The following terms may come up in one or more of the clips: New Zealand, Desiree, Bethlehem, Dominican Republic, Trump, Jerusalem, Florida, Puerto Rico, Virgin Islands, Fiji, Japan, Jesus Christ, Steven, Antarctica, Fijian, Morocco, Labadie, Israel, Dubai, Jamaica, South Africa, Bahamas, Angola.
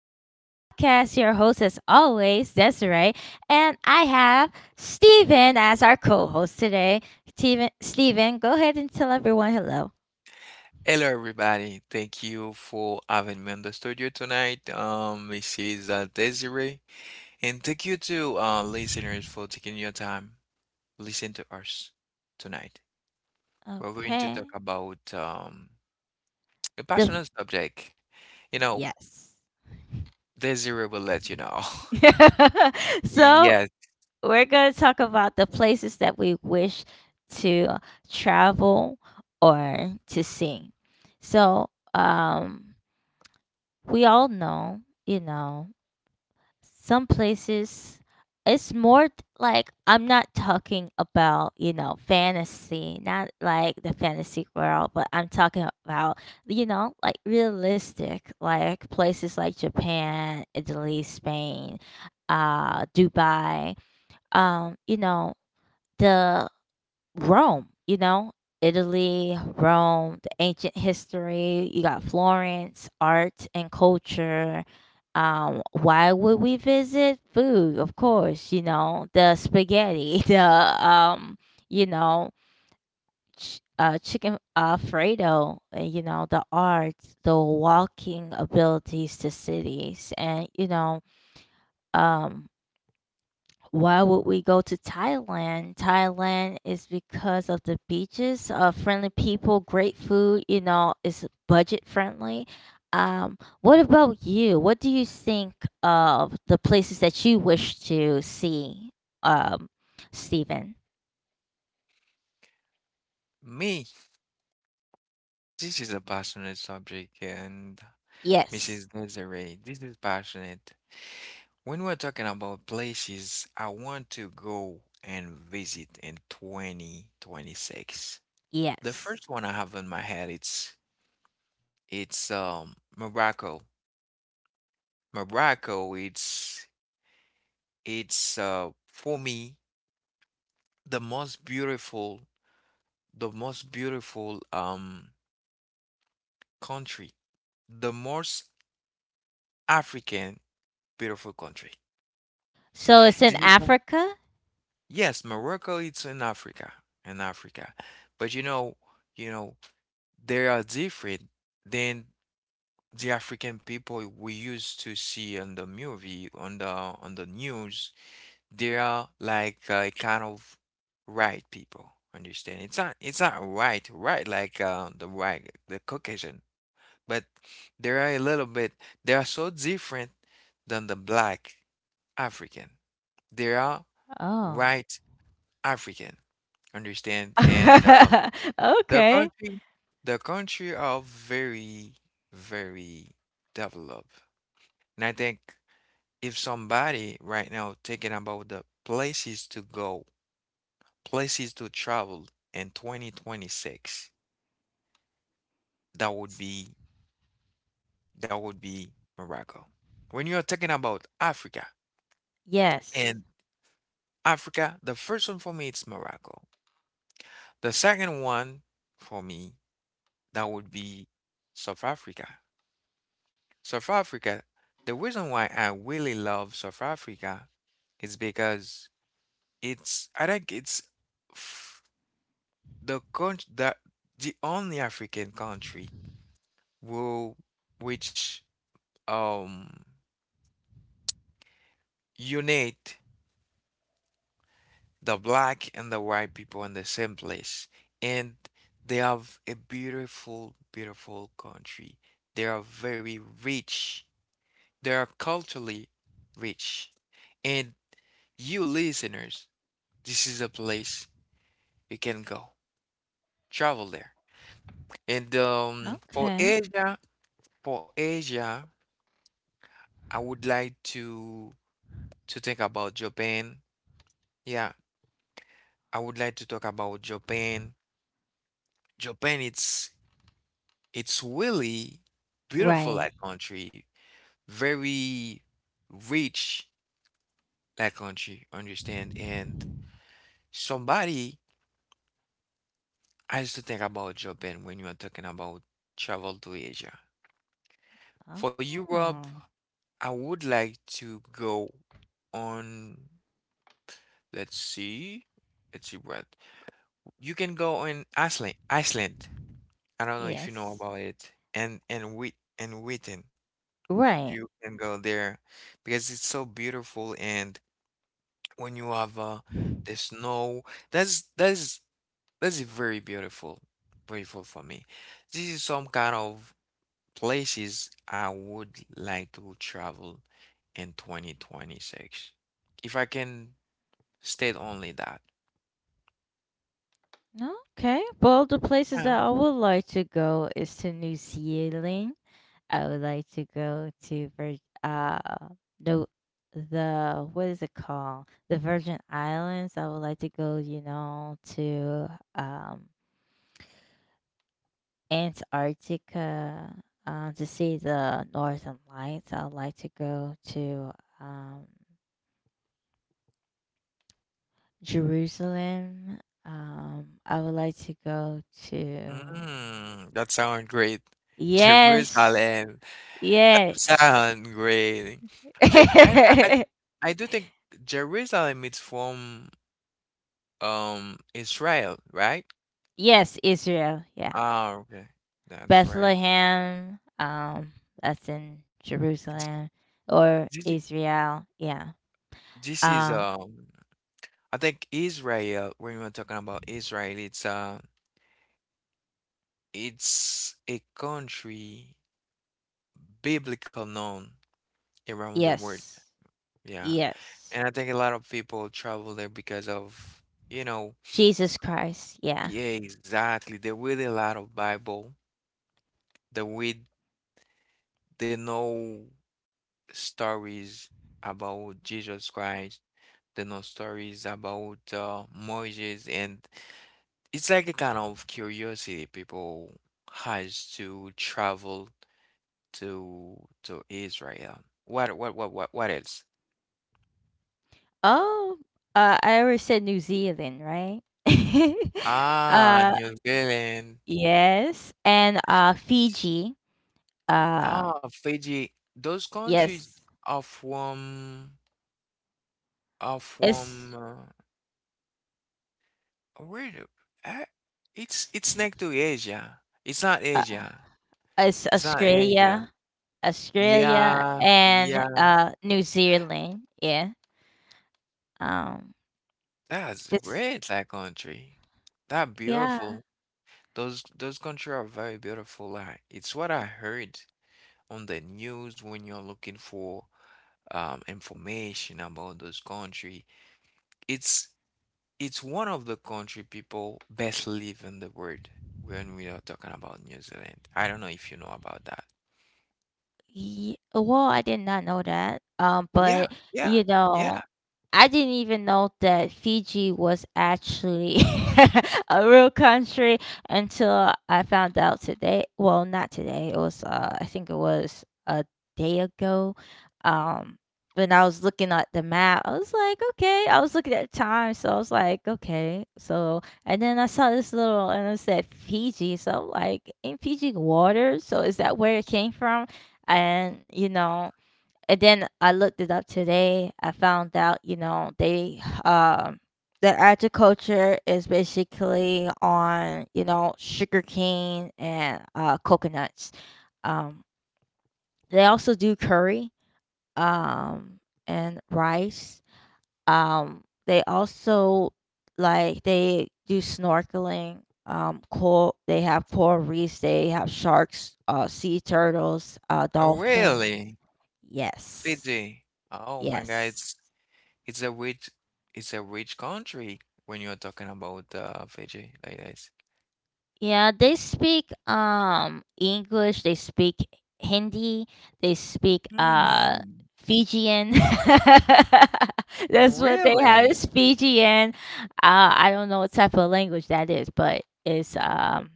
Sunshine's podcast. Your host, as always, Desiree. And I have Steven as our co host today. Steven, go ahead and tell everyone hello. Hello everybody, thank you for having me on the studio tonight. This is Desiree, and thank you to listeners for taking your time listen to us tonight. We're going to Okay. talk about a The, personal subject. You know, yes. Desiree will let you know. so, Yes, we're going to talk about the places that we wish to travel or to see. So, we all know, some places it's like I'm not talking about, fantasy, not like the fantasy world, but I'm talking about, you know, like realistic, like places like Japan, Italy, Spain, Dubai, you know, the Rome, you know, Italy, Rome, the ancient history, you got Florence, art and culture. Why would we visit? Food, of course, you know, the spaghetti, the um, you know, chicken alfredo, you know, the art, the walking abilities to cities, and you know, um why would we go to Thailand? Thailand is because of the beaches, friendly people, great food, you know, it's budget friendly. What about you? What do you think of the places that you wish to see, um, Stephen? me. This is a passionate subject, and Mrs. Yes, Desiree, this is passionate. When we're talking about places I want to go and visit in 2026, the yes. first one I have in my head it's Morocco. Morocco, it's for me the most beautiful, the most beautiful country, the most African beautiful country. So it's in This is the- Africa? yes, Morocco, it's in Africa, in Africa. But you know they are different than the African people we used to see on the movie, on the news. They are like a kind of white people. Understand? It's not white, right like the white, the Caucasian, but they are a little bit. They are so different than the black African. They are Oh. white African. Understand? And The Okay. country, the country are very, very developed. And I think if somebody right now thinking about the places to go, places to travel in 2026, that would be that would be Morocco. When you're talking about Africa Yes. and Africa, the first one for me it's Morocco. The second one for me that would be South Africa. South Africa, the reason why I really love South Africa is because it's, I think it's f- the country that the only African country will which um unite the black and the white people in the same place. And they have a beautiful, beautiful country. They are very rich. They are culturally rich. And you listeners, this is a place you can go. Travel there. And for Okay. Asia, for Asia, I would like to think about Japan. Yeah, I would like to talk about Japan. Japan it's really beautiful Right. that country, very rich that country, understand? And somebody has to think about Japan when you are talking about travel to Asia. For Europe, Oh. I would like to go on, let's see, let's see what. You can go on Iceland, Iceland. I don't know if you know Yes. about it. And Witten. Right. You can go there because it's so beautiful and when you have No. the snow, that's that's that's very beautiful, beautiful for me. This is some kind of places I would like to travel in 2026 if I can state only that. Okay. Well, the places Yeah. that I would like to go is to New Zealand. I would like to go to Vir- uh the the what is it called? The Virgin Islands. I would like to go, you know, to um Antarctica to see the Northern Lights. I would like to go to um Jerusalem. I would like to go to— Mm, that sounds great. Yes. Jerusalem. That Yes. sounds great. The- I I I I do think Jerusalem is from, Israel, right? Yes, Israel. Yeah. Ah, okay. That's right. Bethlehem. That's in Th Jerusalem or this I Israel. Yeah. this is, Uh, I think Israel, when we're talking about Israel, it's a country biblical known around the world. yes. Yeah. Yes. And I think a lot of people travel there because of, you know, Jesus Christ. Yeah. yeah, exactly. They read a lot of Bible. They read, they know stories about Jesus Christ. They know stories about Moses, and it's like a kind of curiosity people has to travel to Israel. What else? Oh, I already said New Zealand, right? Ah, uh, New Zealand. yes. And Fiji. Um, Ah, Fiji, those yes. countries are from are It's, from uh, where do, uh, it's next to Asia. It's not uh, Asia. it's It's not Australia. Asia. Australia, Yeah, and, yeah. New Zealand, yeah, um, That's it's great, that country. That yeah. beautiful. Those countries are very beautiful. Like it's what I heard on the news when you're looking for information about those country. It's it's one of the country people best live in the world when we are talking about New Zealand. I don't know if you know about that. Ye— well, I did not know that, Yeah, but, yeah, you yeah. know, I didn't even know that Fiji was actually a real country until I found out today. Well, not today, it was, I think it was a day ago, um, when I was looking at the map, I was like, "Okay." I was looking at the time, so I was like, "Okay." So and then I saw this little and it said Fiji, so I'm like, "Ain't Fiji water? So is that where it came from?" And you know, and then I looked it up today. I found out, you know, they, the agriculture is basically on, you know, sugarcane and coconuts. um they also do curry um and rice. They also, like, they do snorkeling, coral, they have coral reefs, they have sharks, sea turtles, Oh, dolphins. really? Yes. Fiji. Oh my God, Yes. It's a rich it's a rich country when you're talking about Fiji like this. Yeah, they speak English, they speak Hindi, they speak Hmm. Fijian. That's what they have Really? is Fijian. I don't know what type of language that is, but it's um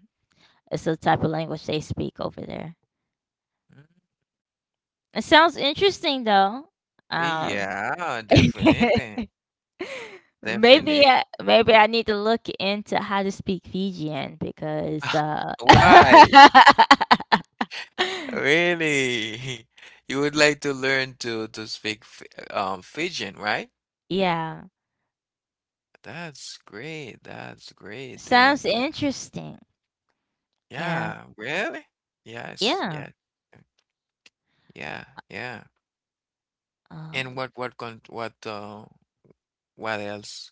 it's a type of language they speak over there. Mm, It sounds interesting though. Um. yeah, definitely. Maybe Definitely. I need to look into how to speak Fijian because Why? Really? You would like to learn to speak Fijian, right? yeah, That's great. That's great. sounds And interesting. And yeah, really? Yes, yeah, yeah. Yeah, yeah. um And what else?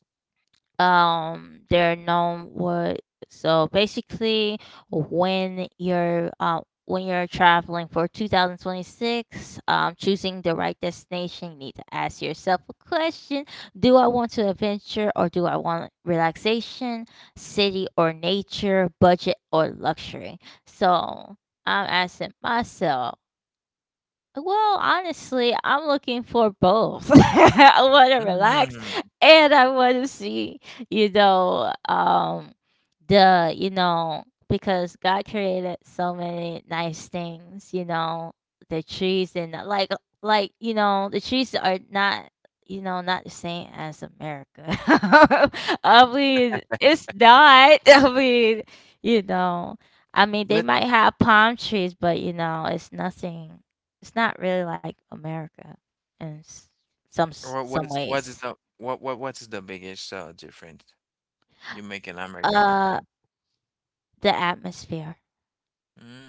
they're known what— so basically when you're uh when you're traveling for 2026, choosing the right destination, you need to ask yourself a question. Do I want to adventure, or do I want relaxation? City or nature? Budget or luxury? So I'm asking myself, well, honestly, I'm looking for both. I want to relax Mm. and I want to see, you know, because God created so many nice things, you know, the trees and you know, the trees are not, you know, not the same as America. I mean, it's not. I mean, you know, I mean, they But might have palm trees, but you know, it's nothing. It's not really like America in s some what is ways. the what what what is the biggest difference you make in America with Uh, them? the atmosphere.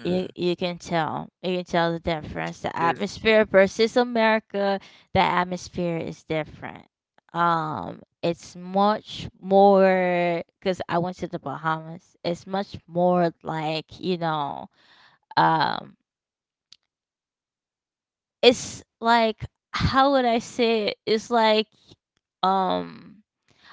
You you can tell. You can tell the difference. The Just atmosphere versus America, the atmosphere is different. It's much more. Cause I went to the Bahamas. It's much more like, you know, um, it's like, how would I say it? It's like, um,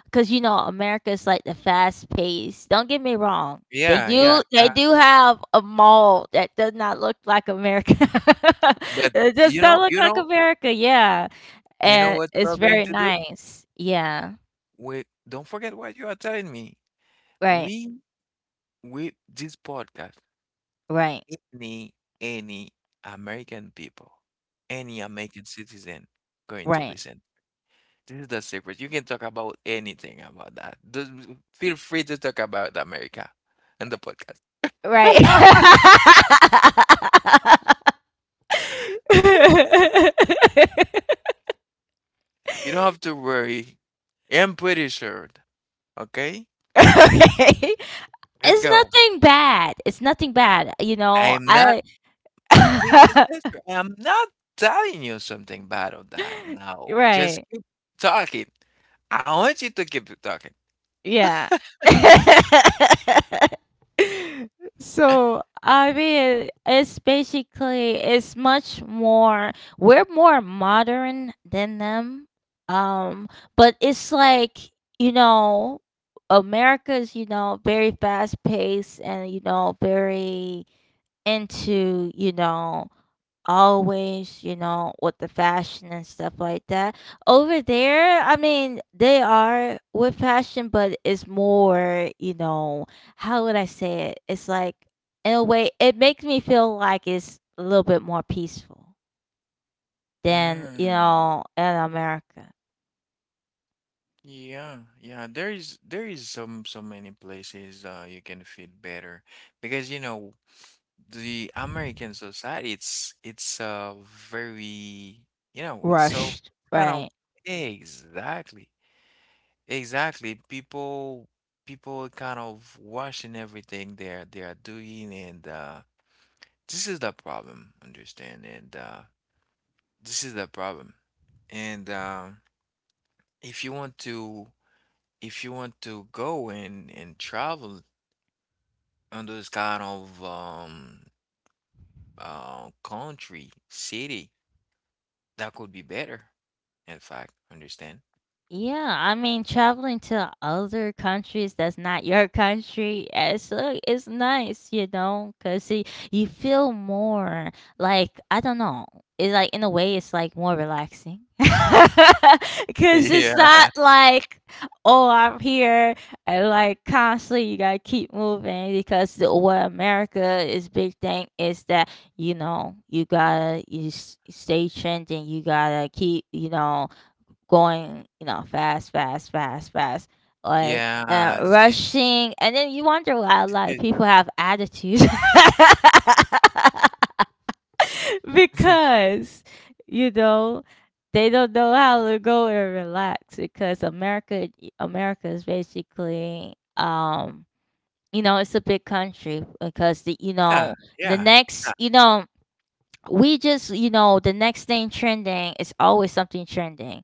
because you know America's like the fast pace. Don't get me wrong. They Yeah, yeah, do they yeah. do have a mall that does not look like America. But It does you not know, look you like know, America, yeah. you know And what it's we're going very to do? nice. Yeah. We don't forget what you are telling me. Right. We with this podcast, Right. any any American people, any American citizen going to Right. listen. This is the secret. You can talk about anything about that. Feel free to talk about America and the podcast. Right. You don't have to worry. I'm pretty sure. Okay? Okay. Let's It's go. nothing bad. It's nothing bad. You know, I'm not I— He's his sister. And I'm not telling you something bad of that. No, just Right. keep talking. I want you to keep talking. Yeah. So, I mean, it's basically, it's much more, we're more modern than them. Um, but it's like, you know, America's, you know, very fast paced and, you know, very into, you know, always, you know, with the fashion and stuff like that. Over there, I mean, they are with fashion, but it's more, you know, how would I say it? It's like, in a way, it makes me feel like it's a little bit more peaceful than, you Mm, know, in America. yeah, yeah. There is some so many places you can feel better because the American society it's very, it's so Rushed, kind of right? exactly exactly, people kind of watching everything they're doing. And this is the problem, understand? And this is the problem. And if you want to if you want to go and travel on those kind of country, city, that could be better, in fact, understand? Yeah, I mean, traveling to other countries that's not your country, it's like it's nice, you know, because see, you feel more like, I don't know. It's like in a way, it's like more relaxing, because it's Yeah. not like, oh, I'm here, and like constantly you gotta keep moving, because the— what America is big thing is that, you know, you gotta you s- stay trending, you gotta keep, you know, going, you know, like Yeah, rushing, and then you wonder why a this lot of is people your- have attitudes. Because you know they don't know how to go and relax, because America, America is basically, you know, it's a big country, because the, you yeah, know, the yeah, next, yeah, you know, we just, you know, the next thing trending is always something trending.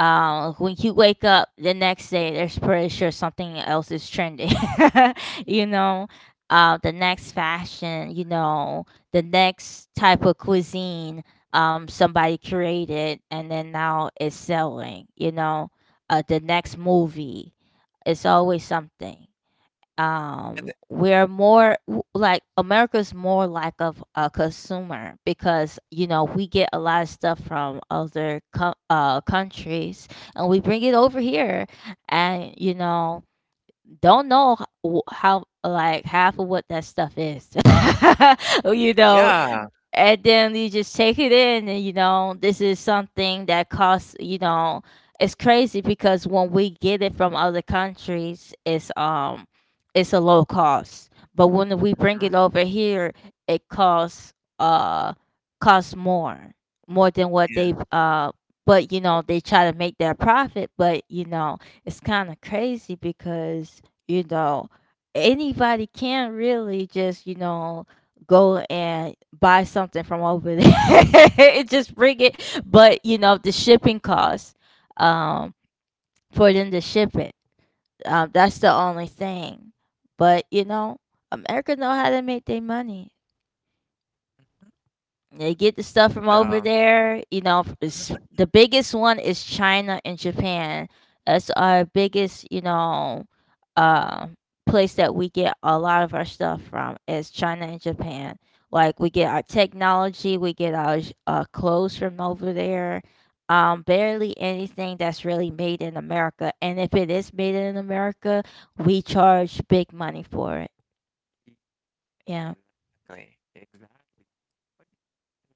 Um, when you wake up the next day, there's pretty sure something else is trending. You know, the next fashion, you know, the next type of cuisine, somebody created and then now is selling, you know, the next movie. It's always something. and the- We're more w- like America's more like of a consumer, because you know we get a lot of stuff from other countries and we bring it over here, and you know, don't know how like half of what that stuff is. You know, yeah. and then you just take it in, and you know this is something that costs, you know. It's crazy because when we get it from other countries, it's a low cost, but when we bring Mhm, it over here, it costs uh costs more more than what yeah. they uh— but you Oh, know they try to make their profit, but you know it's kind of crazy, because you know anybody can really just, you know, go and buy something from over there. It just bring it, but you know the shipping costs, um, for them to ship it. That's the only thing. But you know, America know how to make their money. mhm. with They get the stuff from the, over there. You know, f- it's, the biggest one is China and Japan. That's our biggest, you know, uh, place that we get a lot of our stuff from is China and Japan. Like we get our technology, we get our clothes from over there. Barely anything that's really made in America, and if it is made in America, we charge big money for it. Yeah. um, Exactly, exactly. But in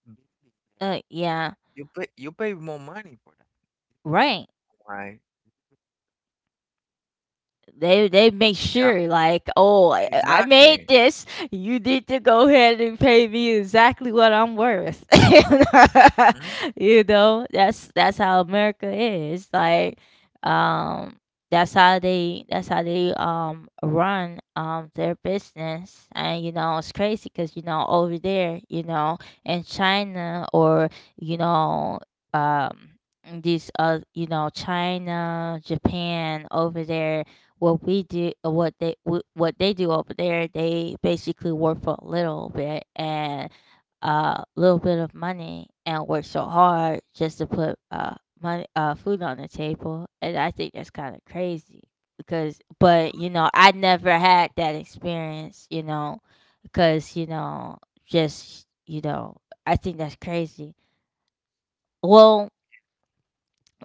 building there, Yeah. you pay more money for that, Right. right. They make Yeah, sure, like, oh, I made exactly. this, you need to go ahead and pay me exactly what I'm worth. Mhm. You know, that's how America is, like, um, that's how they, that's how they, um, run their business. And you know it's crazy, because you know over there, you know, in China, or you know, um these you know China, Japan, over there, what we do what they what they do over there, they basically work for a little bit and a little bit of money and work so hard just to put money, food on the table, and I think that's kind of crazy. Because but you know I never had that experience, you know, because you know, just you know, I think that's crazy. Well,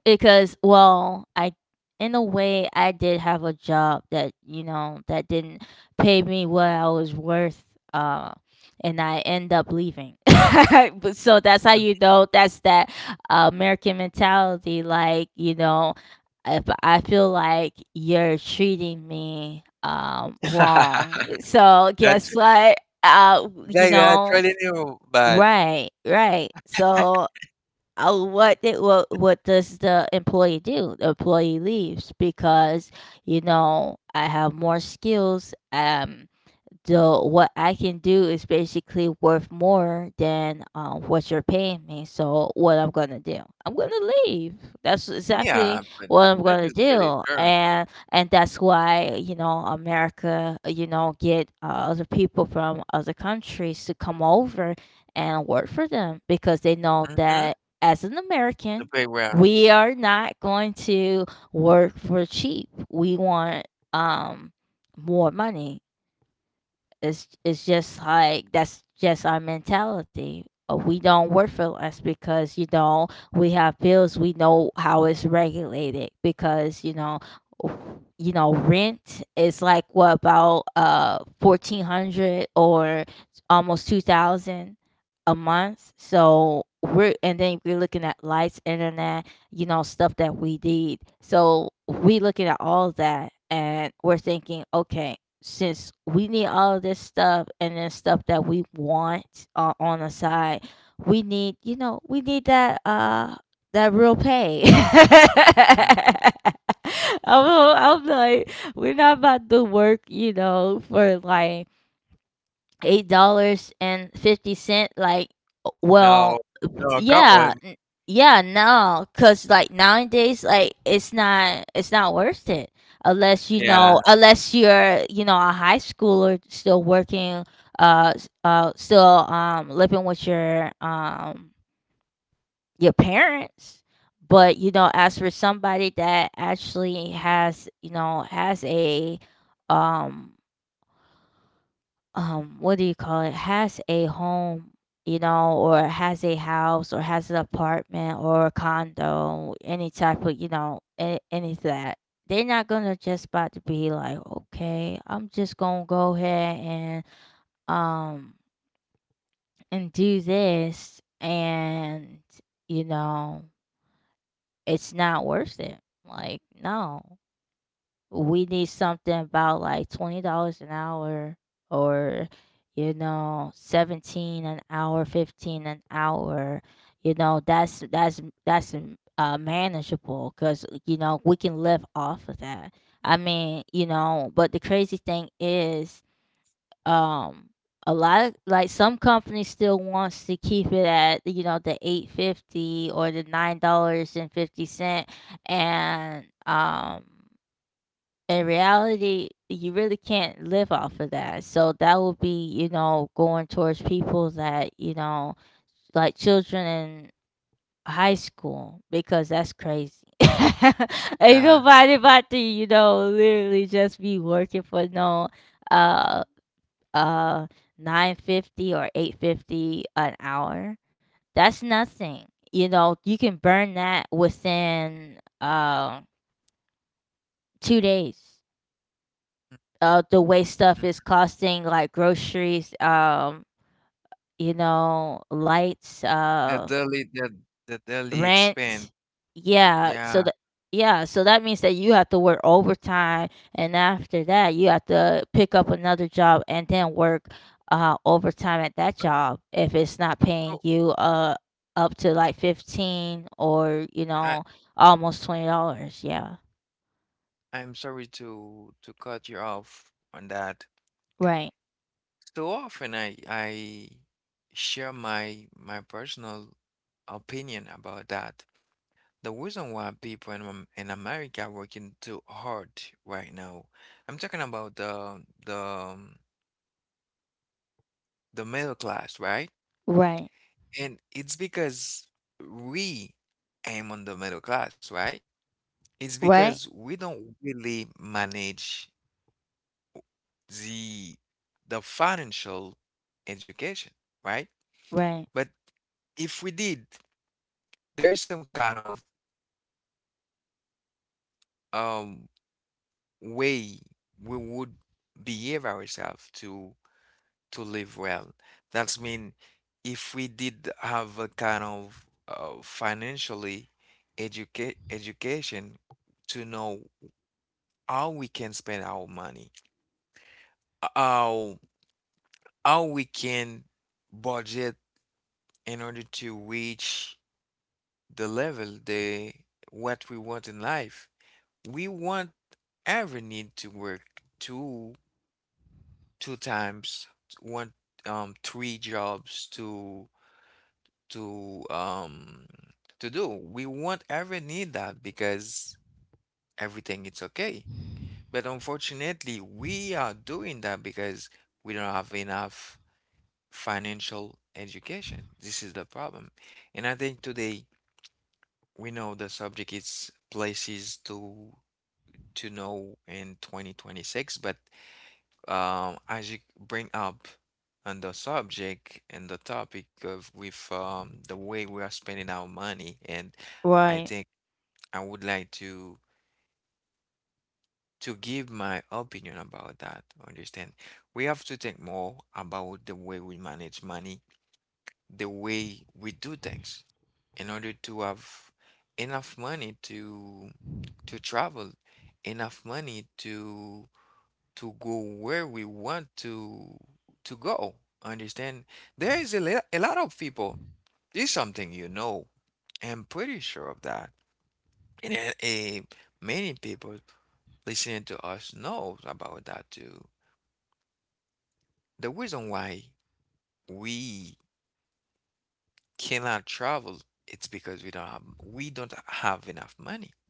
because well, I, in a way I did have a job that, you know, that didn't pay me what I was worth, uh, and I end up leaving. But so that's how, you know, that's that American mentality, like, you know, if I feel like you're treating me wrong. So That's guess what? Uh, you that's know, really you, but right, right. So what it, what does the employee do? The employee leaves because, you know, I have more skills. So what I can do is basically worth more than what you're paying me. So what I'm gonna do? I'm gonna leave. That's exactly yeah, but what I'm that gonna is pretty do, sure. and that's why you know America, you know, get other people from other countries to come over and work for them because they know Mm-hmm. that as an The American, big round. we are not going to work for cheap. We want um more money. It's just like that's just our mentality. We don't work for less because you know we have bills. We know how it's regulated because you know rent is like what about 1,400 or almost 2,000 a month. So we're and then we're looking at lights, internet, you know, stuff that we need. So we looking at all that and we're thinking, okay, since we need all of this stuff and then stuff that we want on the side, we need we need that that real pay. Mm, I'm, all- I'm like we're not about to work you know for like $8 and 50 cent like well, no, no, come yeah, on. yeah, no, cause like nowadays, like it's not worth it unless you know Yeah, unless you're you know a high schooler still working, still living with your parents. But you know, as for somebody that actually has you know has a um what do you call it has a home you know or has a house or has an apartment or a condo any type of you know any of that they're not gonna just about to be like okay, I'm just gonna go ahead um and do this and you know it's not worth it like no we need something about like $20 an hour or you know 17 an hour 15 an hour you know that's manageable because you know we can live off of that. I mean you know but the crazy thing is um a lot of like some companies still wants to keep it at you know the 850 or the $9 and 50 cent and in reality, you really can't live off of that. So that will be, you know, going towards people that, you know, like children in high school because that's crazy. Ain't yeah. nobody about to, you know, literally just be working for no uh uh 9.50 or 8.50 an hour. That's nothing. You know, you can burn that within 2 days. The way stuff mm, is costing, like groceries, you know, lights, The daily, the the daily rent. expense. Yeah, so Yeah. that yeah, so that means that you have to work overtime, and after that, you have to pick up another job and then work overtime at that job if it's not So, paying so you up to like 15 or you I, know almost $20. Yeah, I'm sorry to cut you off on that. right, So often I share my personal opinion about that. The reason why people in in America are working too hard right now. I'm talking about the middle class, right? right, And it's because we aim on the middle class, right? It's because right, we don't really manage the the financial education, right? right, But if we did, there is some kind of um way we would behave ourselves to live well. That's mean if we did have a kind of financially educate education to know how we can spend our money, how how we can budget in order to reach the level, the what we want in life. We won't ever need to work two two times, one three jobs to um to do. We won't ever need that because everything is okay. But unfortunately, we are doing that because we don't have enough financial education. This is the problem. And I think today we know the subject is places to know in 2026, but as you bring up on the subject and the topic of with the way we are spending our money, and I right. think I would like to give my opinion about that. Understand? We have to think more about the way we manage money, the way we do things, in order to have enough money to travel, enough money to go where we want to go. Understand? There is a lot of people. This is something you know. I'm pretty sure of that. And many people listening to us knows about that too. The reason why we cannot travel it's because we don't have enough money.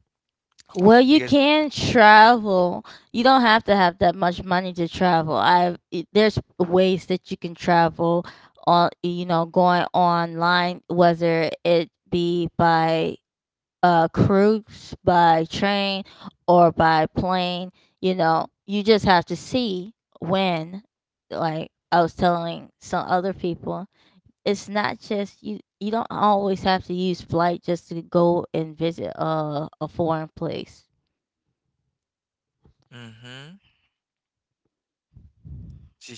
Well, you Because can travel. You don't have to have that much money to travel. I there's ways that you can travel on you know going online whether it be by cruise, by train or by plane, you know. You just have to see when like I was telling some other people, it's not just you you don't always have to use flight just to go and visit a foreign place. hmm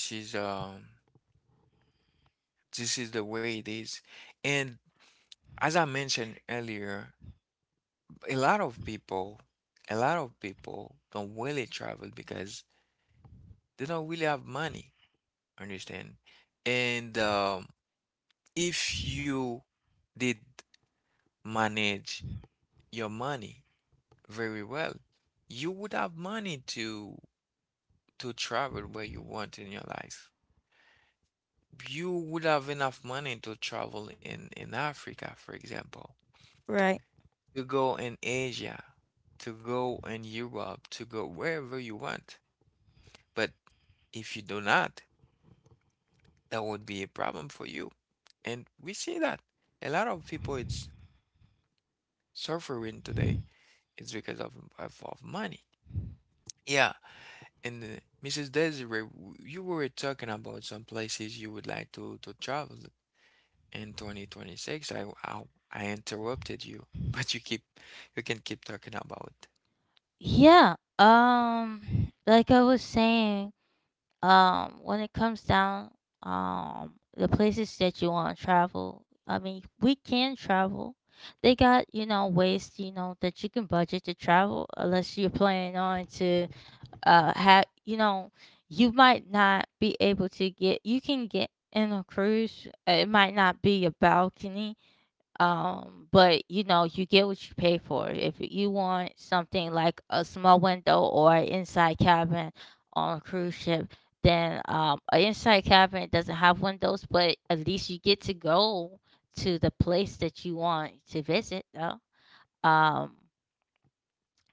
this is um this is the way it is. And as I mentioned earlier, a lot of people, a lot of people don't really travel because they don't really have money, understand? And if you did manage your money very well, you would have money to travel where you want in your life. You would have enough money to travel in Africa, for example, Right. to go in Asia, to go in Europe, to go wherever you want. But if you do not, that would be a problem for you. And we see that a lot of people it's suffering today is because of money. Yeah, and Mrs. Desiree, you were talking about some places you would like to travel in 2026. I interrupted you, but you can keep talking about. Yeah. Like I was saying, when it comes down the places that you want to travel, I mean, we can travel. They got, you know, ways, you know, that you can budget to travel unless you're planning on to have, you know, you might not be able to get you can get in a cruise. It might not be a balcony. But you know, you get what you pay for. If you want something like a small window or an inside cabin on a cruise ship, then an inside cabin doesn't have windows, but at least you get to go to the place that you want to visit, though. Um,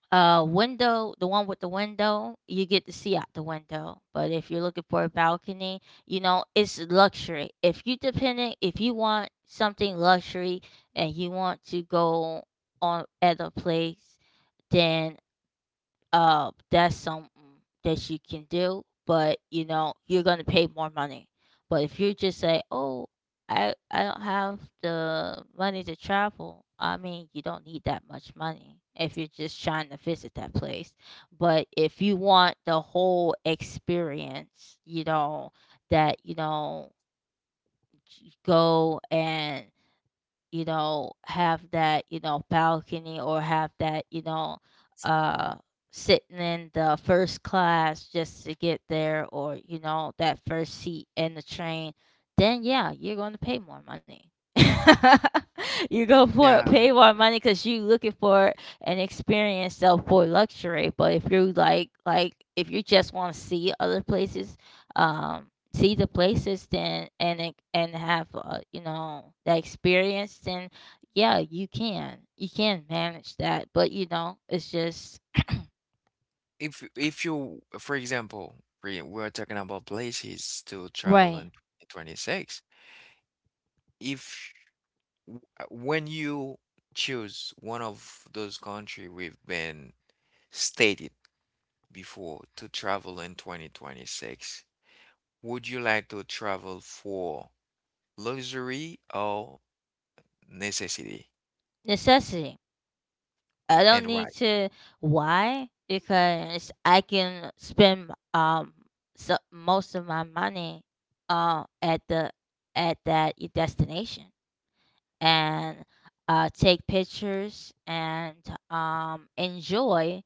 window, the one with the window, you get to see out the window. But if you're looking for a balcony, you know, it's luxury. If you dependent, if you want something luxury and you want to go on at a place, then that's something that you can do, but you know you're gonna pay more money. But if you just say, "Oh, I don't have the money to travel," I mean, you don't need that much money if you're just trying to visit that place. But if you want the whole experience, you know that you know go and you know, have that, you know, balcony or have that, you know, uh, sitting in the first class just to get there or, you know, that first seat in the train, then yeah, you're going to pay more money. you go for Yeah, pay more money because you looking for an experience of for luxury. But if you're like if you just want to see other places, um, see the places and have you know the experience then yeah you can manage that but you know it's just if we're talking about places to right. travel in 2026. If When you choose one of those country we've been stated before to travel in 2026, would you like to travel for luxury or necessity? Necessity. I don't And need why? to. Why? Because I can spend most of my money at the at that destination and take pictures and enjoy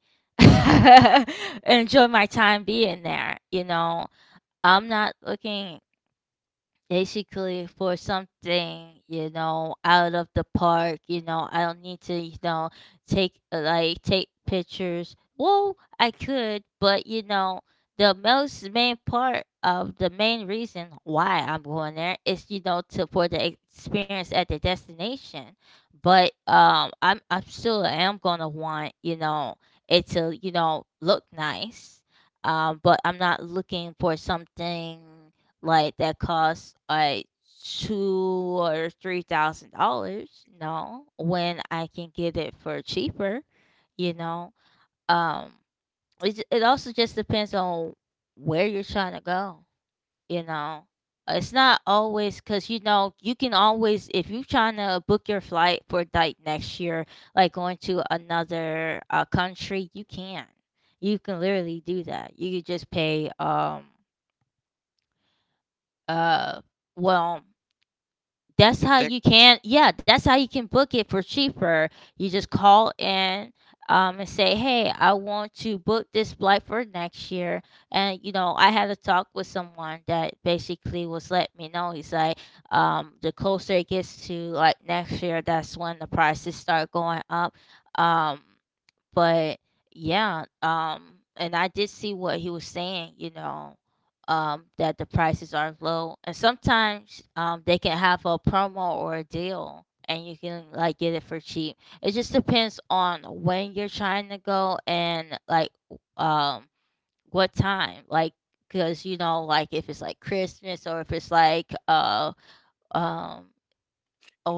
enjoy my time being there. You know, I'm not looking basically for something you know out of the park you know I don't need to you know take take pictures well I could but you know the most main part of the main reason why I'm going there is you know to for the experience at the destination but I'm still am gonna want you know it to you know look nice but I'm not looking for something like that costs like two or three thousand dollars, no, when I can get it for cheaper. You know, um it also just depends on where you're trying to go. You know, it's not always because you know you can always if you're trying to book your flight for like next year like going to another country you can literally do that you could just pay uh well that's Yeah, how take you can, yeah, that's how you can book it for cheaper. You just call in, and say hey I want to book this flight for next year and you know I had a talk with someone that basically was letting me know he's like the closer it gets to like next year that's when the prices start going up, um, but yeah and I did see what he was saying, you know, that the prices are low and sometimes they can have a promo or a deal and you can like get it for cheap. It just depends on when you're trying to go and like um what time like because you know like if it's like Christmas or if it's like um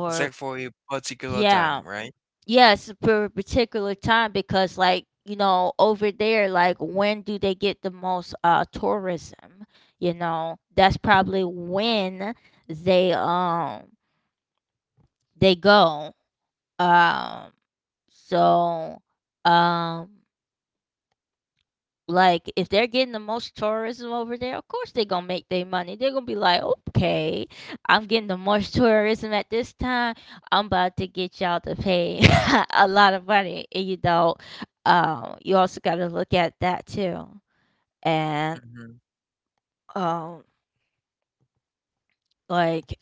it's like for a particular time, yeah. right? Yes, for a particular time because, like, you know, over there, like, when do they get the most tourism? You know, that's probably when they um they go. Um, so um Like, if they're getting the most tourism over there, of course they're gonna make their money. They're gonna be like, okay, I'm getting the most tourism at this time. I'm about to get y'all to pay a lot of money. And you know, you also gotta look at that too. And hmm um, like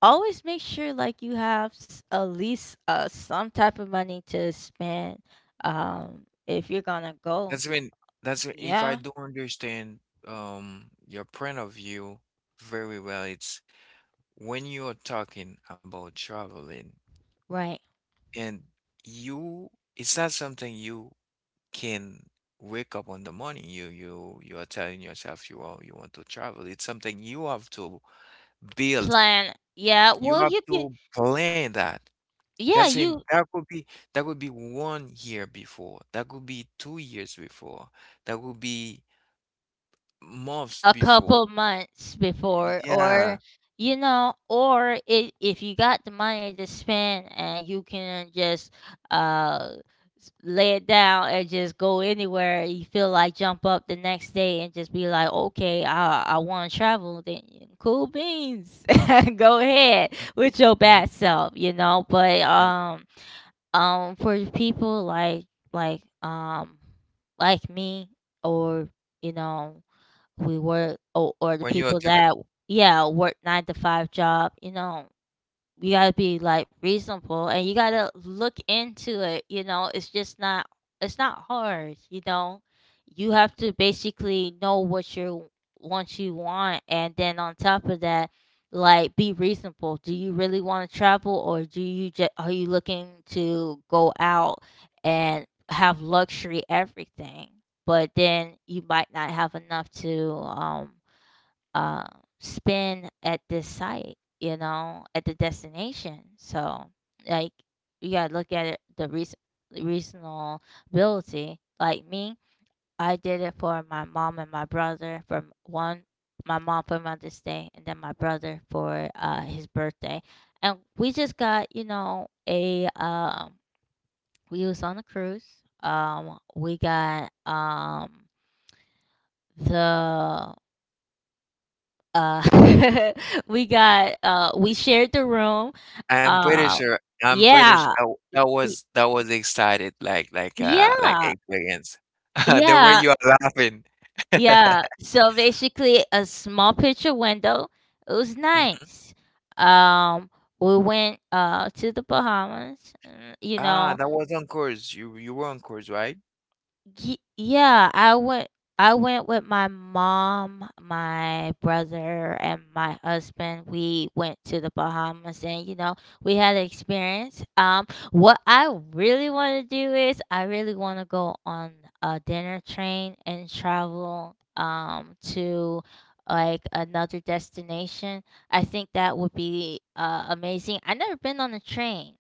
always make sure like you have at least some type of money to spend. If you're gonna go, That's when that's when, if I yeah, do understand your point of view very well, it's when you are talking about traveling. right. And you, it's not something you can wake up on the morning. You are telling yourself you want to travel. It's something you have to build. Plan, yeah. Well, You you have can. to plan that. Yeah, That's in you that could be 1 year before. That could be 2 years before. That could be months a couple before. months before or Yeah. you know or if you got the money to spend and you can just uh lay it down and just go anywhere you feel like jump up the next day and just be like okay I want to travel then you- cool beans go ahead with your Mhm. bad self you know but That- for people like like um me or you know we work or the When you are. people that yeah work nine to five job you know you gotta be like reasonable and you gotta look into it you know it's not hard you know you have to basically know what you want and then on top of that like be reasonable do you really want to travel or do you just are you looking to go out and have luxury everything but then you might not have enough to uh, spend at this site, you know, at the destination. So, like, you gotta look at it the reason reasonability. Like me, I did it for my mom and my brother. For one, my mom for Mother's Day, and then my brother for his birthday. And we just got, you know, a we was on a cruise. We got the Uh, we shared the room. I'm pretty Uh, sure yeah, that w y- that was excited, like yeah, experience. The way yeah, you are laughing. yeah. So basically, a small picture window. It was Mhm. nice. Um, we went to the Bahamas. Ah, that was on course. You were on course, right? Ye yeah, I went with my mom, my brother, and my husband. We went to the Bahamas and we had an experience. What I really want to do is I really want to go on a dinner train and travel to like another destination. I think that would be amazing. I never been on a train,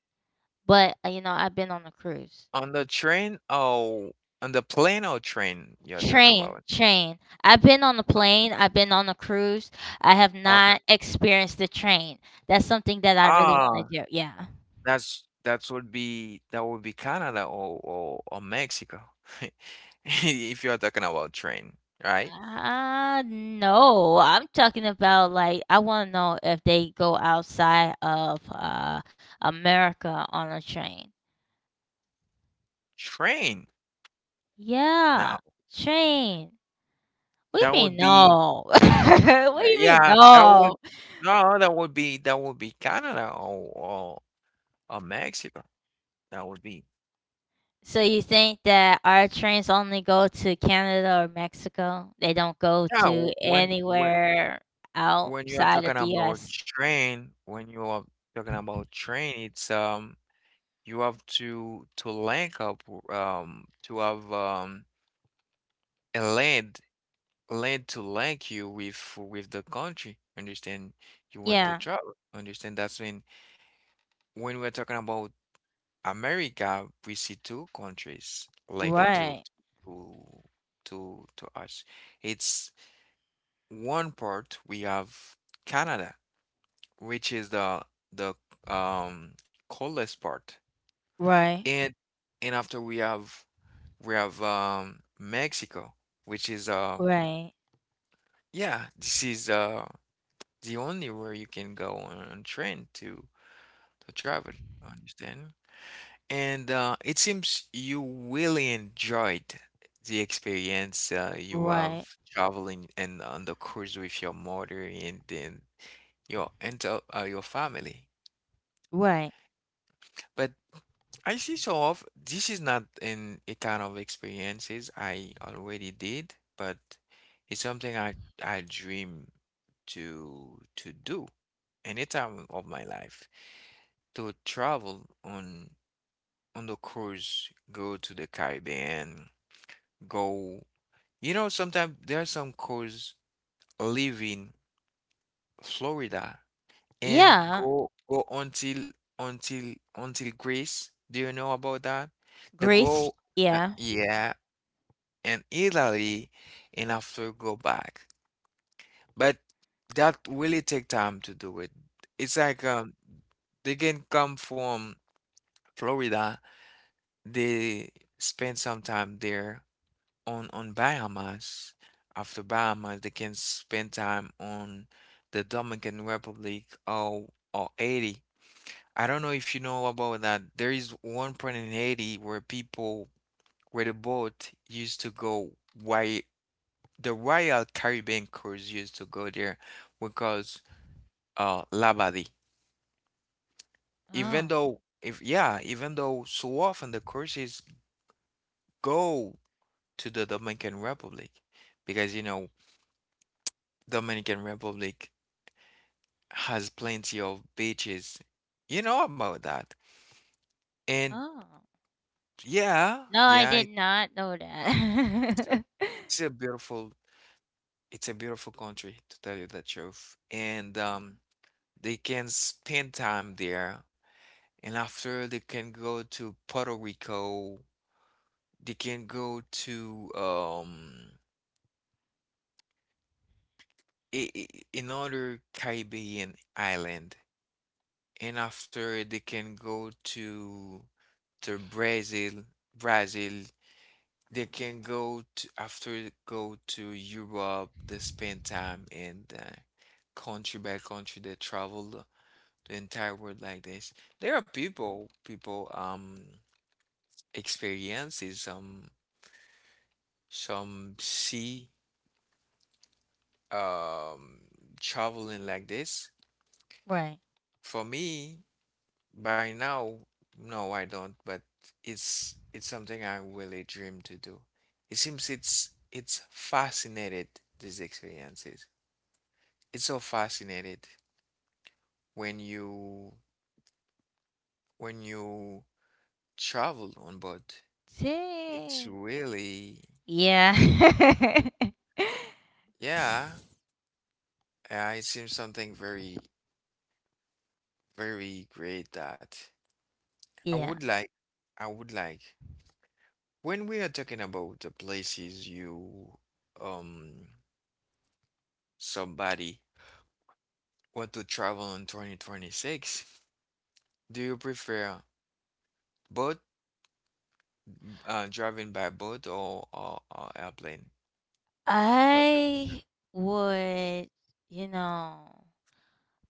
but I've been on a cruise. On the train? Oh, on the plane or train you're talking Train, about? train. I've been on a plane, I've been on a cruise. I have Okay. not experienced the train. That's something that I really want Ah, to do. Yeah. that's that would be Canada or or Mexico. If you're talking about train, right? No, I'm talking about like I want to know if they go outside of America on a train. Train. Yeah, Now, train. What that do you mean would be no? What do you mean yeah, that would no? no, that would be Canada or or Mexico. That would be So you think that our trains only go to Canada or Mexico? They don't go yeah, to w anywhere when you are outside of talking the about US. train, when you are talking about train, it's, you have to link up, to have, a land to link you with the country, understand? You want to Yeah. travel, understand? That's when we're talking about America, we see two countries like it Right. to to us. It's one part. We have Canada, which is the um coldest part, Right. and after we have Mexico, which is Right. yeah, this is the only where you can go on train to travel. Understand? And it seems you really enjoyed the experience you Right. have traveling and on the cruise with your mother and then your, and your family. Right. But I see so of this is not an a kind of experiences I already did, but it's something I dream to do any time of my life, to travel on the cruise, go to the Caribbean, go. You know, sometimes there are some cars leaving Florida and Yeah. go until Greece. Do you know about that? They Greece. go, Yeah. yeah, and Italy, and after go back. But that really take time to do it. It's like they can come from Florida. They spend some time there on biomass. After biomass, they can spend time on the Dominican Republic or Haiti. I don't know if you know about that. There is one point in Haiti where people where the boat used to go, why the Royal Caribbean crews used to go there because Labadie. Even Oh. though if yeah, even though so often the courses go to the Dominican Republic, because you know Dominican Republic has plenty of beaches. You know about that. And Oh. yeah, No, I yeah, did not know it's a, that. it's a beautiful, it's a beautiful country, to tell you the truth. And they can spend time there. And after they can go to Puerto Rico, they can go to another Caribbean island. And after they can go to Brazil, Brazil. They can go to after go to Europe, they spend time in the country by country, they travel the entire world like this. There are people, people experiences some see um traveling like this. Right. For me, by now, no, I don't, but it's something I really dream to do. It seems it's fascinated, these experiences. It's so fascinated when you when you travel on board. It's Dang. really Yeah. yeah, S- it seems something very very great that I would yeah. like I would like. When we are talking about the places you um somebody want to travel in 2026, do you prefer boat, uh, driving by boat or or airplane? What do-. I would, you know.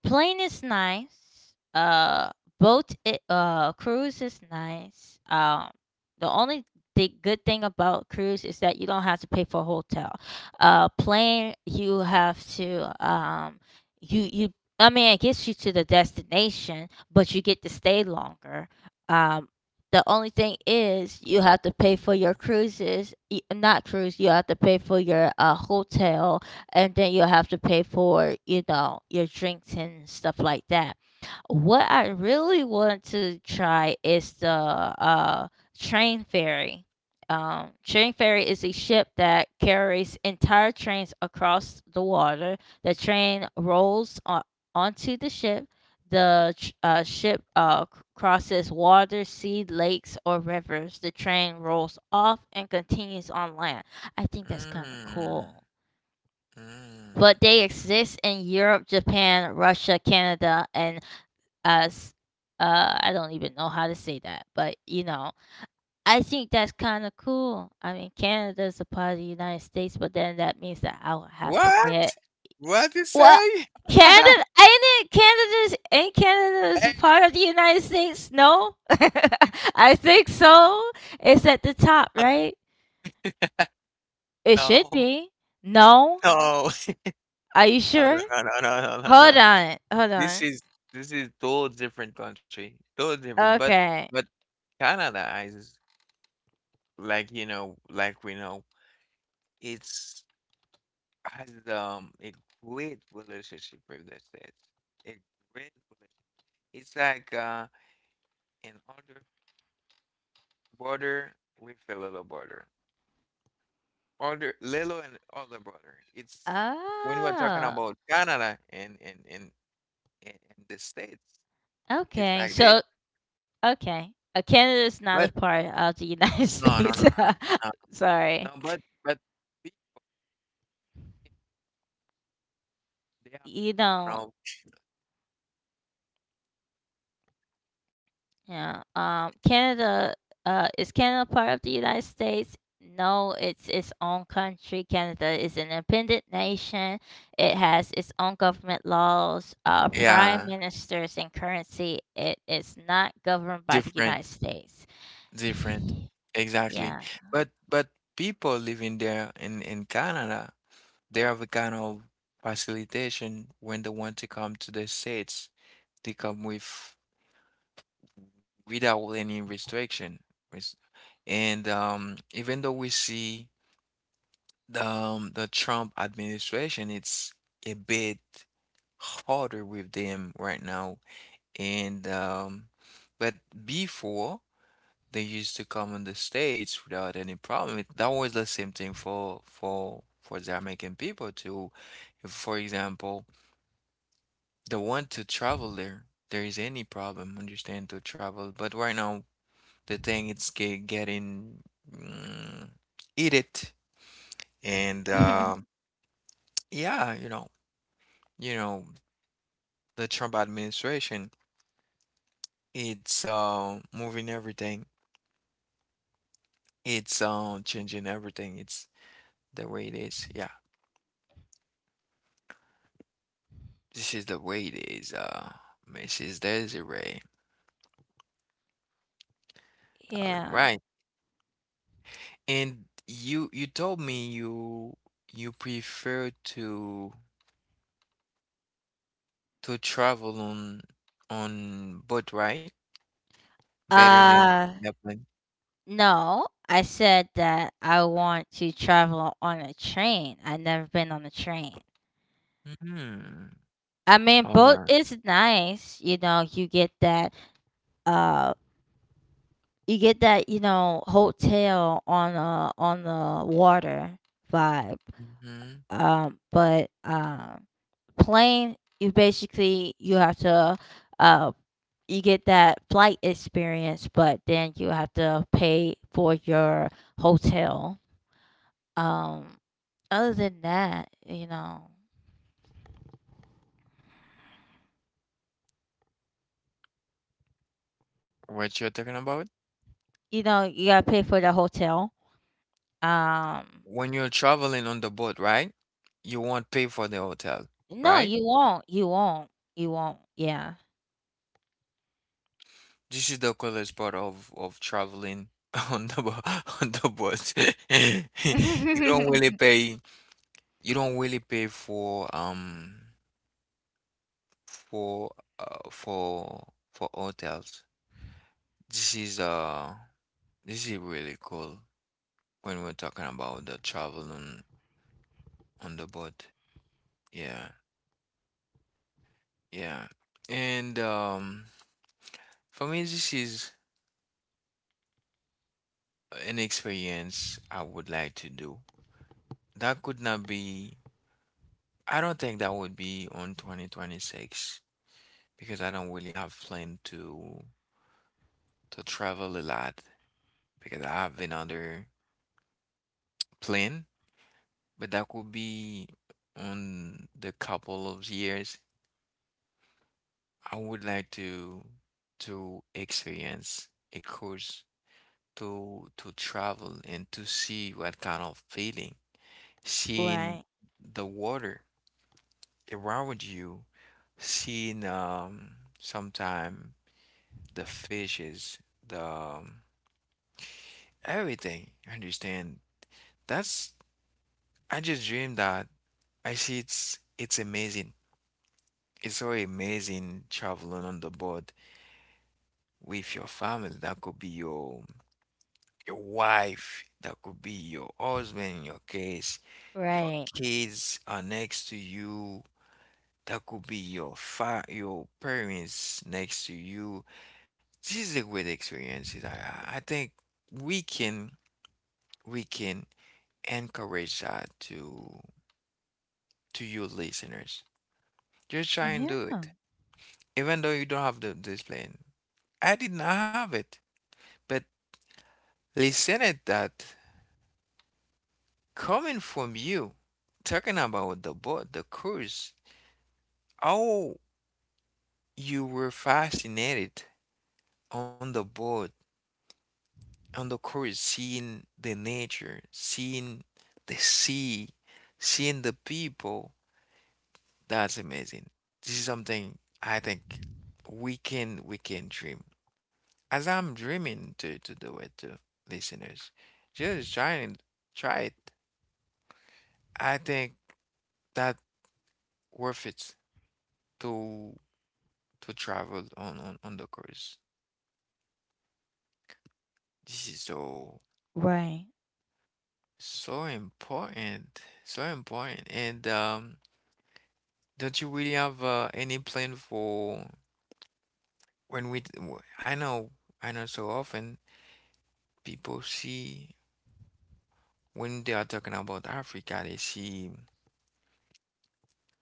Plane is nice. Boat, I cruise is nice. The only the good thing about cruise is that you don't have to pay for a hotel. Plane, you have to you. I mean, it gets you to the destination, but you get to stay longer. Um, the only thing is you have to pay for your cruises, not cruise. You have to pay for your hotel, and then you'll have to pay for your drinks and stuff like that. What I really want to try is the train ferry. Train ferry is a ship that carries entire trains across the water. The train rolls onto the ship. The ship crosses water, sea, lakes, or rivers. The train rolls off and continues on land. I think that's kind of Mm. cool, but Mm. they exist in Europe, Japan, Russia, Canada, and us. I don't even know how to say that, but I think that's kind of cool. I mean, Canada's a part of the United States, but then that means that I will have to get. What? What you Well, say? Canada ain't it? Canada's ain't Canada's a Hey, part of the United States? No. I think so. It's at the top, right? It should no, be. No, no, are you no, no, sure? no, no, no, no, no. no. Hold on, hold This on. is total different country, total different. Okay. But Canada is, like you know, like we know, it's has a great relationship with the States. A great relationship. It's like an other border with a little border. Other Lelo and other brother. It's when we're talking Oh, about Canada and the States, it's okay. like this. So, okay. Canada is not But a part of the United no, no, no, States. no, no, no. Sorry. no, But but we- they You have kind don't. of Yeah. Is Canada part of the United States? No, it's its own country. Canada is an independent nation. It has its own government laws, prime yeah ministers, and currency. It is not governed by the different United States. different exactly. Yeah. But people living there in Canada, they have a kind of facilitation when they want to come to the States. They come with without any restriction. Res- And even though we see the Trump administration, it's a bit harder with them right now. And but before, they used to come in the States without any problem. It, that was the same thing for the American people too. If, for example, they want to travel there. There is any problem, understand, to travel. But right now, the thing it's getting mm, eat it, and yeah, you know, you know, the Trump administration, it's moving everything, it's changing everything. It's the way it is. Yeah, this is the way it is. Mrs. Desiree. All Yeah. right, and you told me you prefer to travel on boat, right? Better than Uh, airplane. no. I said that I want to travel on a train. I've never been on a train. Mm. I mean, All boat right. is nice. You know, you get that. Uh, you get that. You know, hotel on the water vibe. Mhm. But plane, you basically, you have to. Uh, you get that flight experience, but then you have to pay for your hotel. Um, Other than that, What you're talking about? You gotta pay for the hotel. Um, When you're traveling on the boat, right? You won't pay for the hotel, no, right? you won't. You won't. You won't. Yeah. This is the coolest part of traveling on the bo- on the boat. You don't really pay. You don't really pay for hotels. This is uh this is really cool when we're talking about the traveling on the boat. Yeah. Yeah. And for me, this is an experience I would like to do. That could not be, I don't think that would be on 2026 because I don't really have plan to travel a lot, because I have another plan, but that could be on the couple of years. I would like to experience a course, to travel and to see what kind of feeling, seeing Right. the water around you, seeing sometime the fishes, the everything. You understand? That's I just dream that. I see it's amazing. It's so amazing, traveling on the boat with your family. That could be your wife. That could be your husband in your case. Your Right. kids are next to you. That could be your fa your parents next to you. This is a great experience. I think we can we can encourage that to you listeners. Just try and Yeah. do it. Even though you don't have the discipline. I did not have it. But listening that, coming from you, talking about the boat, the cruise, how you were fascinated on the boat on the course, seeing the nature, seeing the sea, seeing the people, that's amazing. This is something I think we can dream. As I'm dreaming to do it, to listeners, just try and try it. I think that worth it to travel on on the cruise. This is so Right. so important, so important, and um, don't you really have any plan for when we? W- I know, I know. So often people see when they are talking about Africa, they see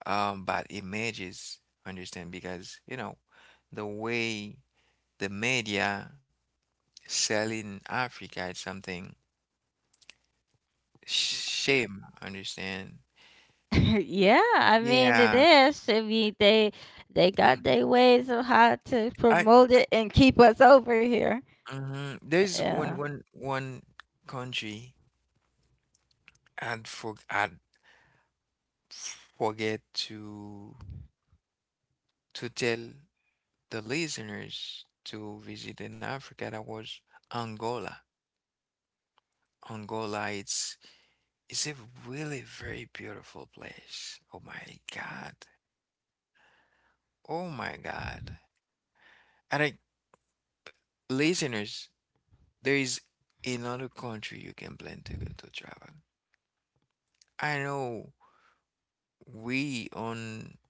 bad images. Understand? Because you know the way the media selling Africa is something shame. Understand? Yeah. I mean, it Yeah. is. I mean, they got their ways of how to I promote it and keep us over here. mhm. There's Yeah. One country I'd forget to. To tell the listeners to visit in Africa, that was Angola. Angola, it's a really very beautiful place. Oh my God. Oh my God. And I, listeners, there is another country you can plan to go to travel. I know we on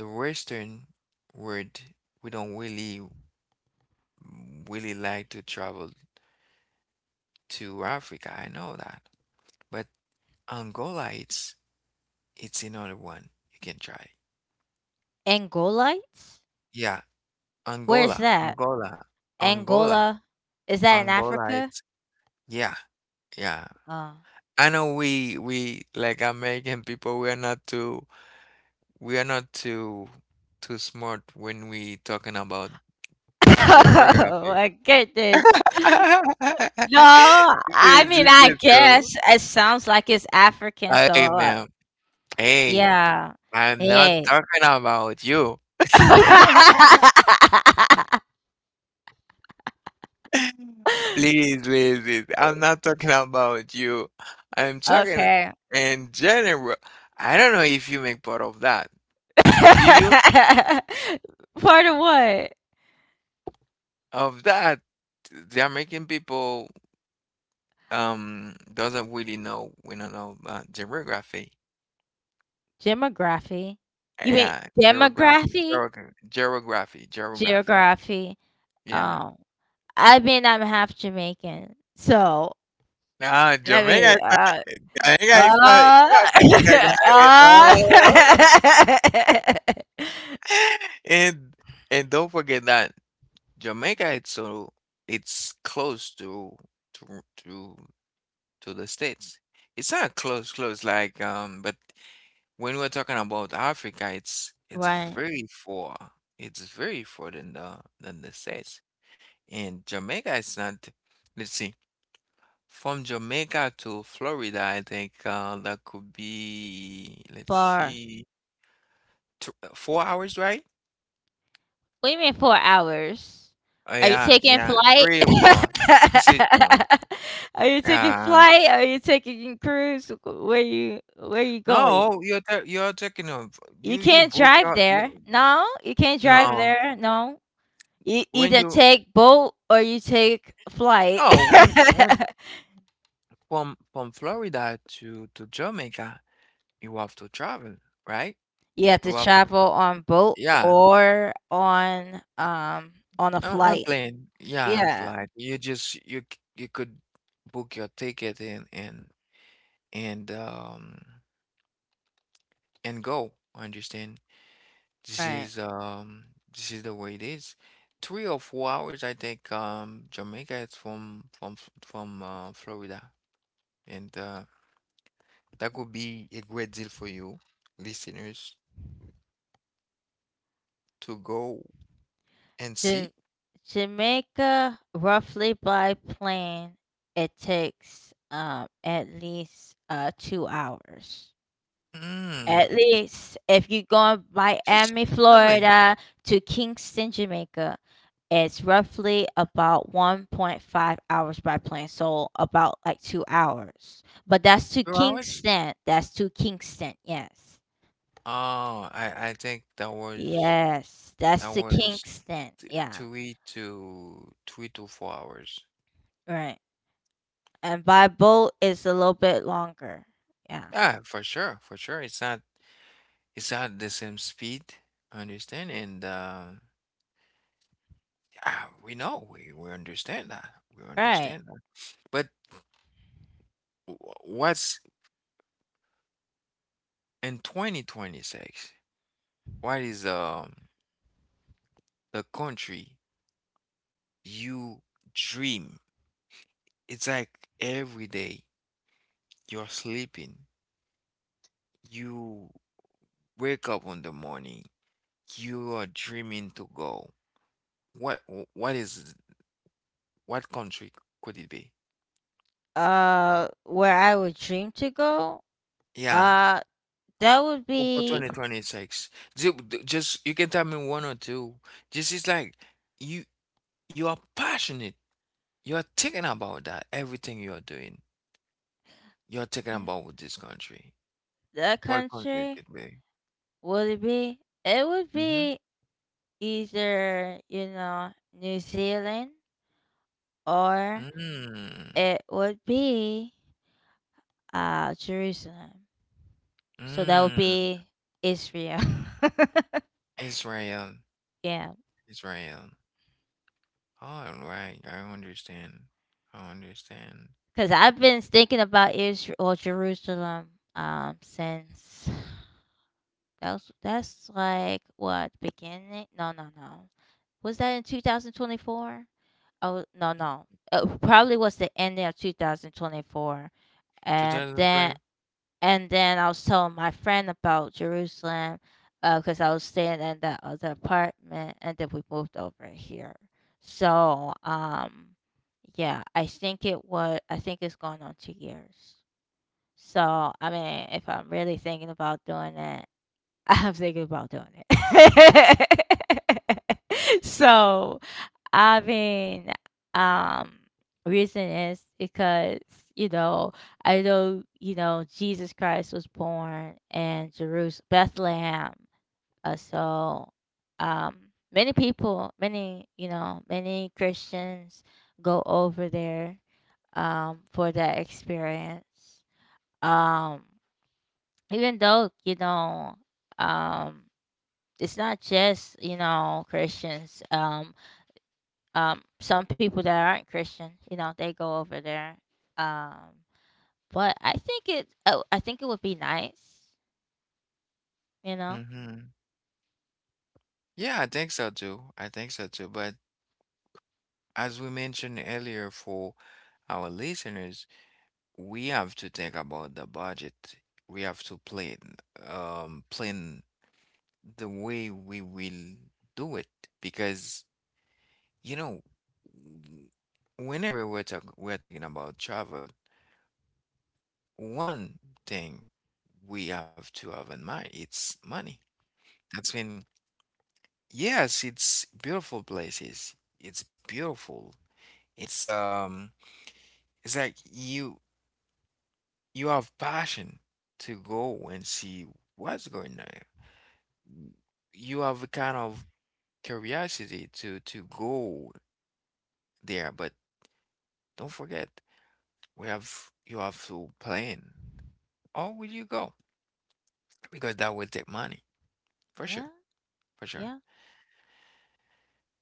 the Western world, we don't really like to travel to Africa. I know that. But Angola, it's another one you can try. Angolites? Yeah, Where's Angola, that? Angola, Angola, Angola? Is that in Angola. Africa? It's yeah, yeah. Oh. I know we like American people. We are not too we are not too too smart when we talking about geography. Oh my goodness. No, I mean, this I is cool. guess it sounds like it's African, so Hey man, hey, yeah. I'm not Hey. talking about you. Please, please, please. I'm not talking about you. I'm talking Okay. in general. I don't know if you make part of that. Do you? Part of what? Of that, the American people doesn't really know. We don't know geography. Demography. You mean Yeah, geography, demography? geography, geography, geography. Geography. Yeah. Um, I mean, I'm half Jamaican, so Now I mean, Jamaica is not, uh, it's not Africa, guys. uh, And and don't forget that Jamaica it's close to to to to the States. It's not close close like um, but when we're talking about Africa it's right. very far. It's very far than the States. And Jamaica is not, let's see, from Jamaica to Florida I think that could be, let's Bar. see, tw- 4 hours, right? What do mean 4 hours? Oh, Are you yeah, taking yeah, flight? 3 or 4. This decision. Are you taking Yeah. flight? Are you taking cruise? Where you going? No, you're talking of You you can't book drive your there. you No, you can't drive no, there. No. You when either you take boat or you take flight. oh, when from Florida to Jamaica, you have to travel, right? You have You to have to, travel on boat yeah, or on a on flight. plane, yeah, on Yeah. flight. You just you could book your ticket and and um and go, understand? This Right. is um this is the way it is. 3 or 4 hours, I think. Jamaica is from Florida, and that could be a great deal for you, listeners, to go and Ja see. Jamaica, roughly by plane, it takes, at least, 2 hours. Mm, At least if you're going just Miami, not me. Florida to Kingston, Jamaica, it's roughly about 1.5 hours by plane, so about, like, 2 hours. But that's to 2 hours? Kingston. That's to Kingston, yes. Oh, I think that was Yes, that that's to was Kingston, yeah, three to four hours. right. and by boat it's a little bit longer. Yeah. Yeah, for sure, for sure. It's not, it's at the same speed, understand. And yeah, we know we understand that. we Right. understand that but wh- what's in 2026, what is, the country you dream? It's like every day you're sleeping, you wake up in the morning, you are dreaming to go. What wh- what is what country could it be? Where I would dream to go? Yeah. Uh that would For be 2026, just, you can tell me one or two. This is like you you are passionate. You are thinking about that. Everything you are doing, you are thinking about with this country. that What country it country could be? would it be? It would Mm-hmm. be either, New Zealand or Mm, it would be Jerusalem. So that would mm. be Israel. Israel, Yeah. Israel. All right, I understand. I understand. Cause I've been thinking about Israel or Jerusalem since. That's like what, beginning? No, no, no. Was that in 2024? Oh, no, no. It probably was the ending of 2024. And then 2020. and then I was telling my friend about Jerusalem because I was staying in that other apartment and then we moved over here. So, yeah, I think it's going on 2 years. So, I mean, if I'm really thinking about doing it, I'm thinking about doing it. So, I have been. um, Reason is because, you know, I know, Jesus Christ was born in Jerusalem, Bethlehem. So, um, many people, many, many Christians go over there, for that experience. Um, Even though, um, it's not just Christians. Some people that aren't Christian, they go over there. Um, but I think it. Oh, I think it would be nice. You know. Mm-hmm. Yeah, I think so too. I think so too. But as we mentioned earlier, for our listeners, we have to think about the budget. We have to plan, plan the way we will do it, because, you know, w- whenever we're talk we're talking about travel, one thing we have to have in mind it's money. That's when, yes, it's beautiful places. It's beautiful. It's um, it's like you have passion to go and see what's going on. You have a kind of curiosity to go there, but don't forget, we have, you have to plan. Or will you go? Because that will take money for sure, Yeah. for sure. Yeah.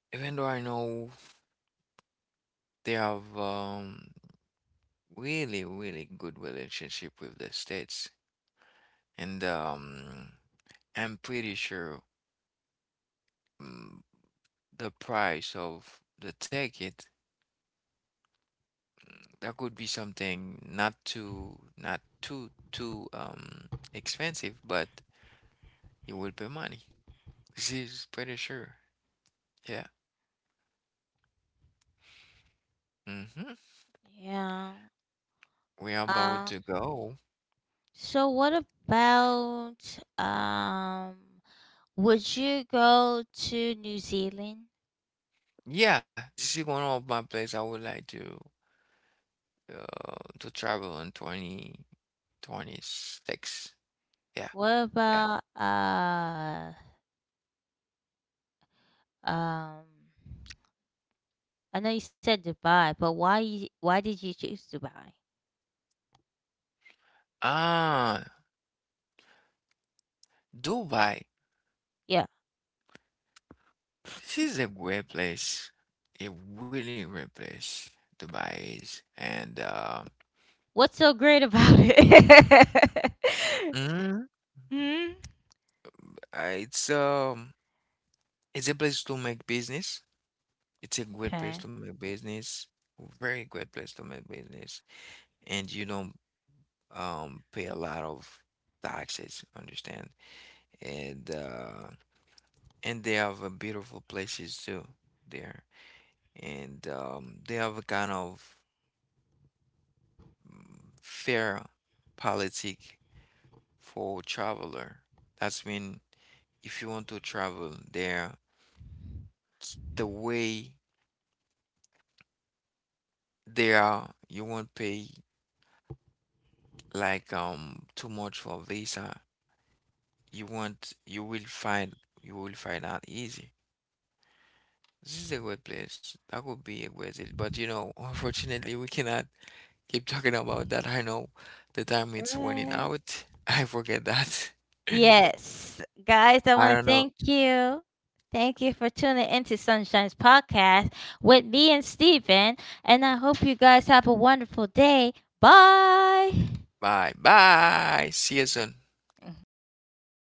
Even though I know they have, really really good relationship with the states, and I'm pretty sure, mm, the price of the ticket, that could be something not too, not too expensive, but you will pay money. This is pretty sure. Yeah. Mm-hmm. Yeah. We are about Um. to go. So what about um? Would you go to New Zealand? Yeah, this is one of my place I would like to travel in 2026. Yeah, What yeah. about uh um? I know you said Dubai, but why? Why did you choose Dubai? Ah, Dubai. Yeah, This is a great place. A really great place. Dubai is. And what's so great about it? mhm, Hmm? uh, it's um it's a place to make business. It's a great place Okay. to make business. Very great place to make business. And you don't, pay a lot of taxes, understand? And and they have a beautiful places too there. And they have a kind of, mm, fair politic for traveler. That's mean, if you want to travel there, the way there you won't pay like, too much for visa. You want, you will find, you will find out easy. This is a great place, that would be a great deal, but you know, unfortunately we cannot keep talking about that. I know the time it's running Right. out. I forget that. Yes. Guys, I I want to don't know. thank you. Thank you for tuning into Sunshine's podcast with me and Steven. And I hope you guys have a wonderful day. Bye. Bye bye, see you soon.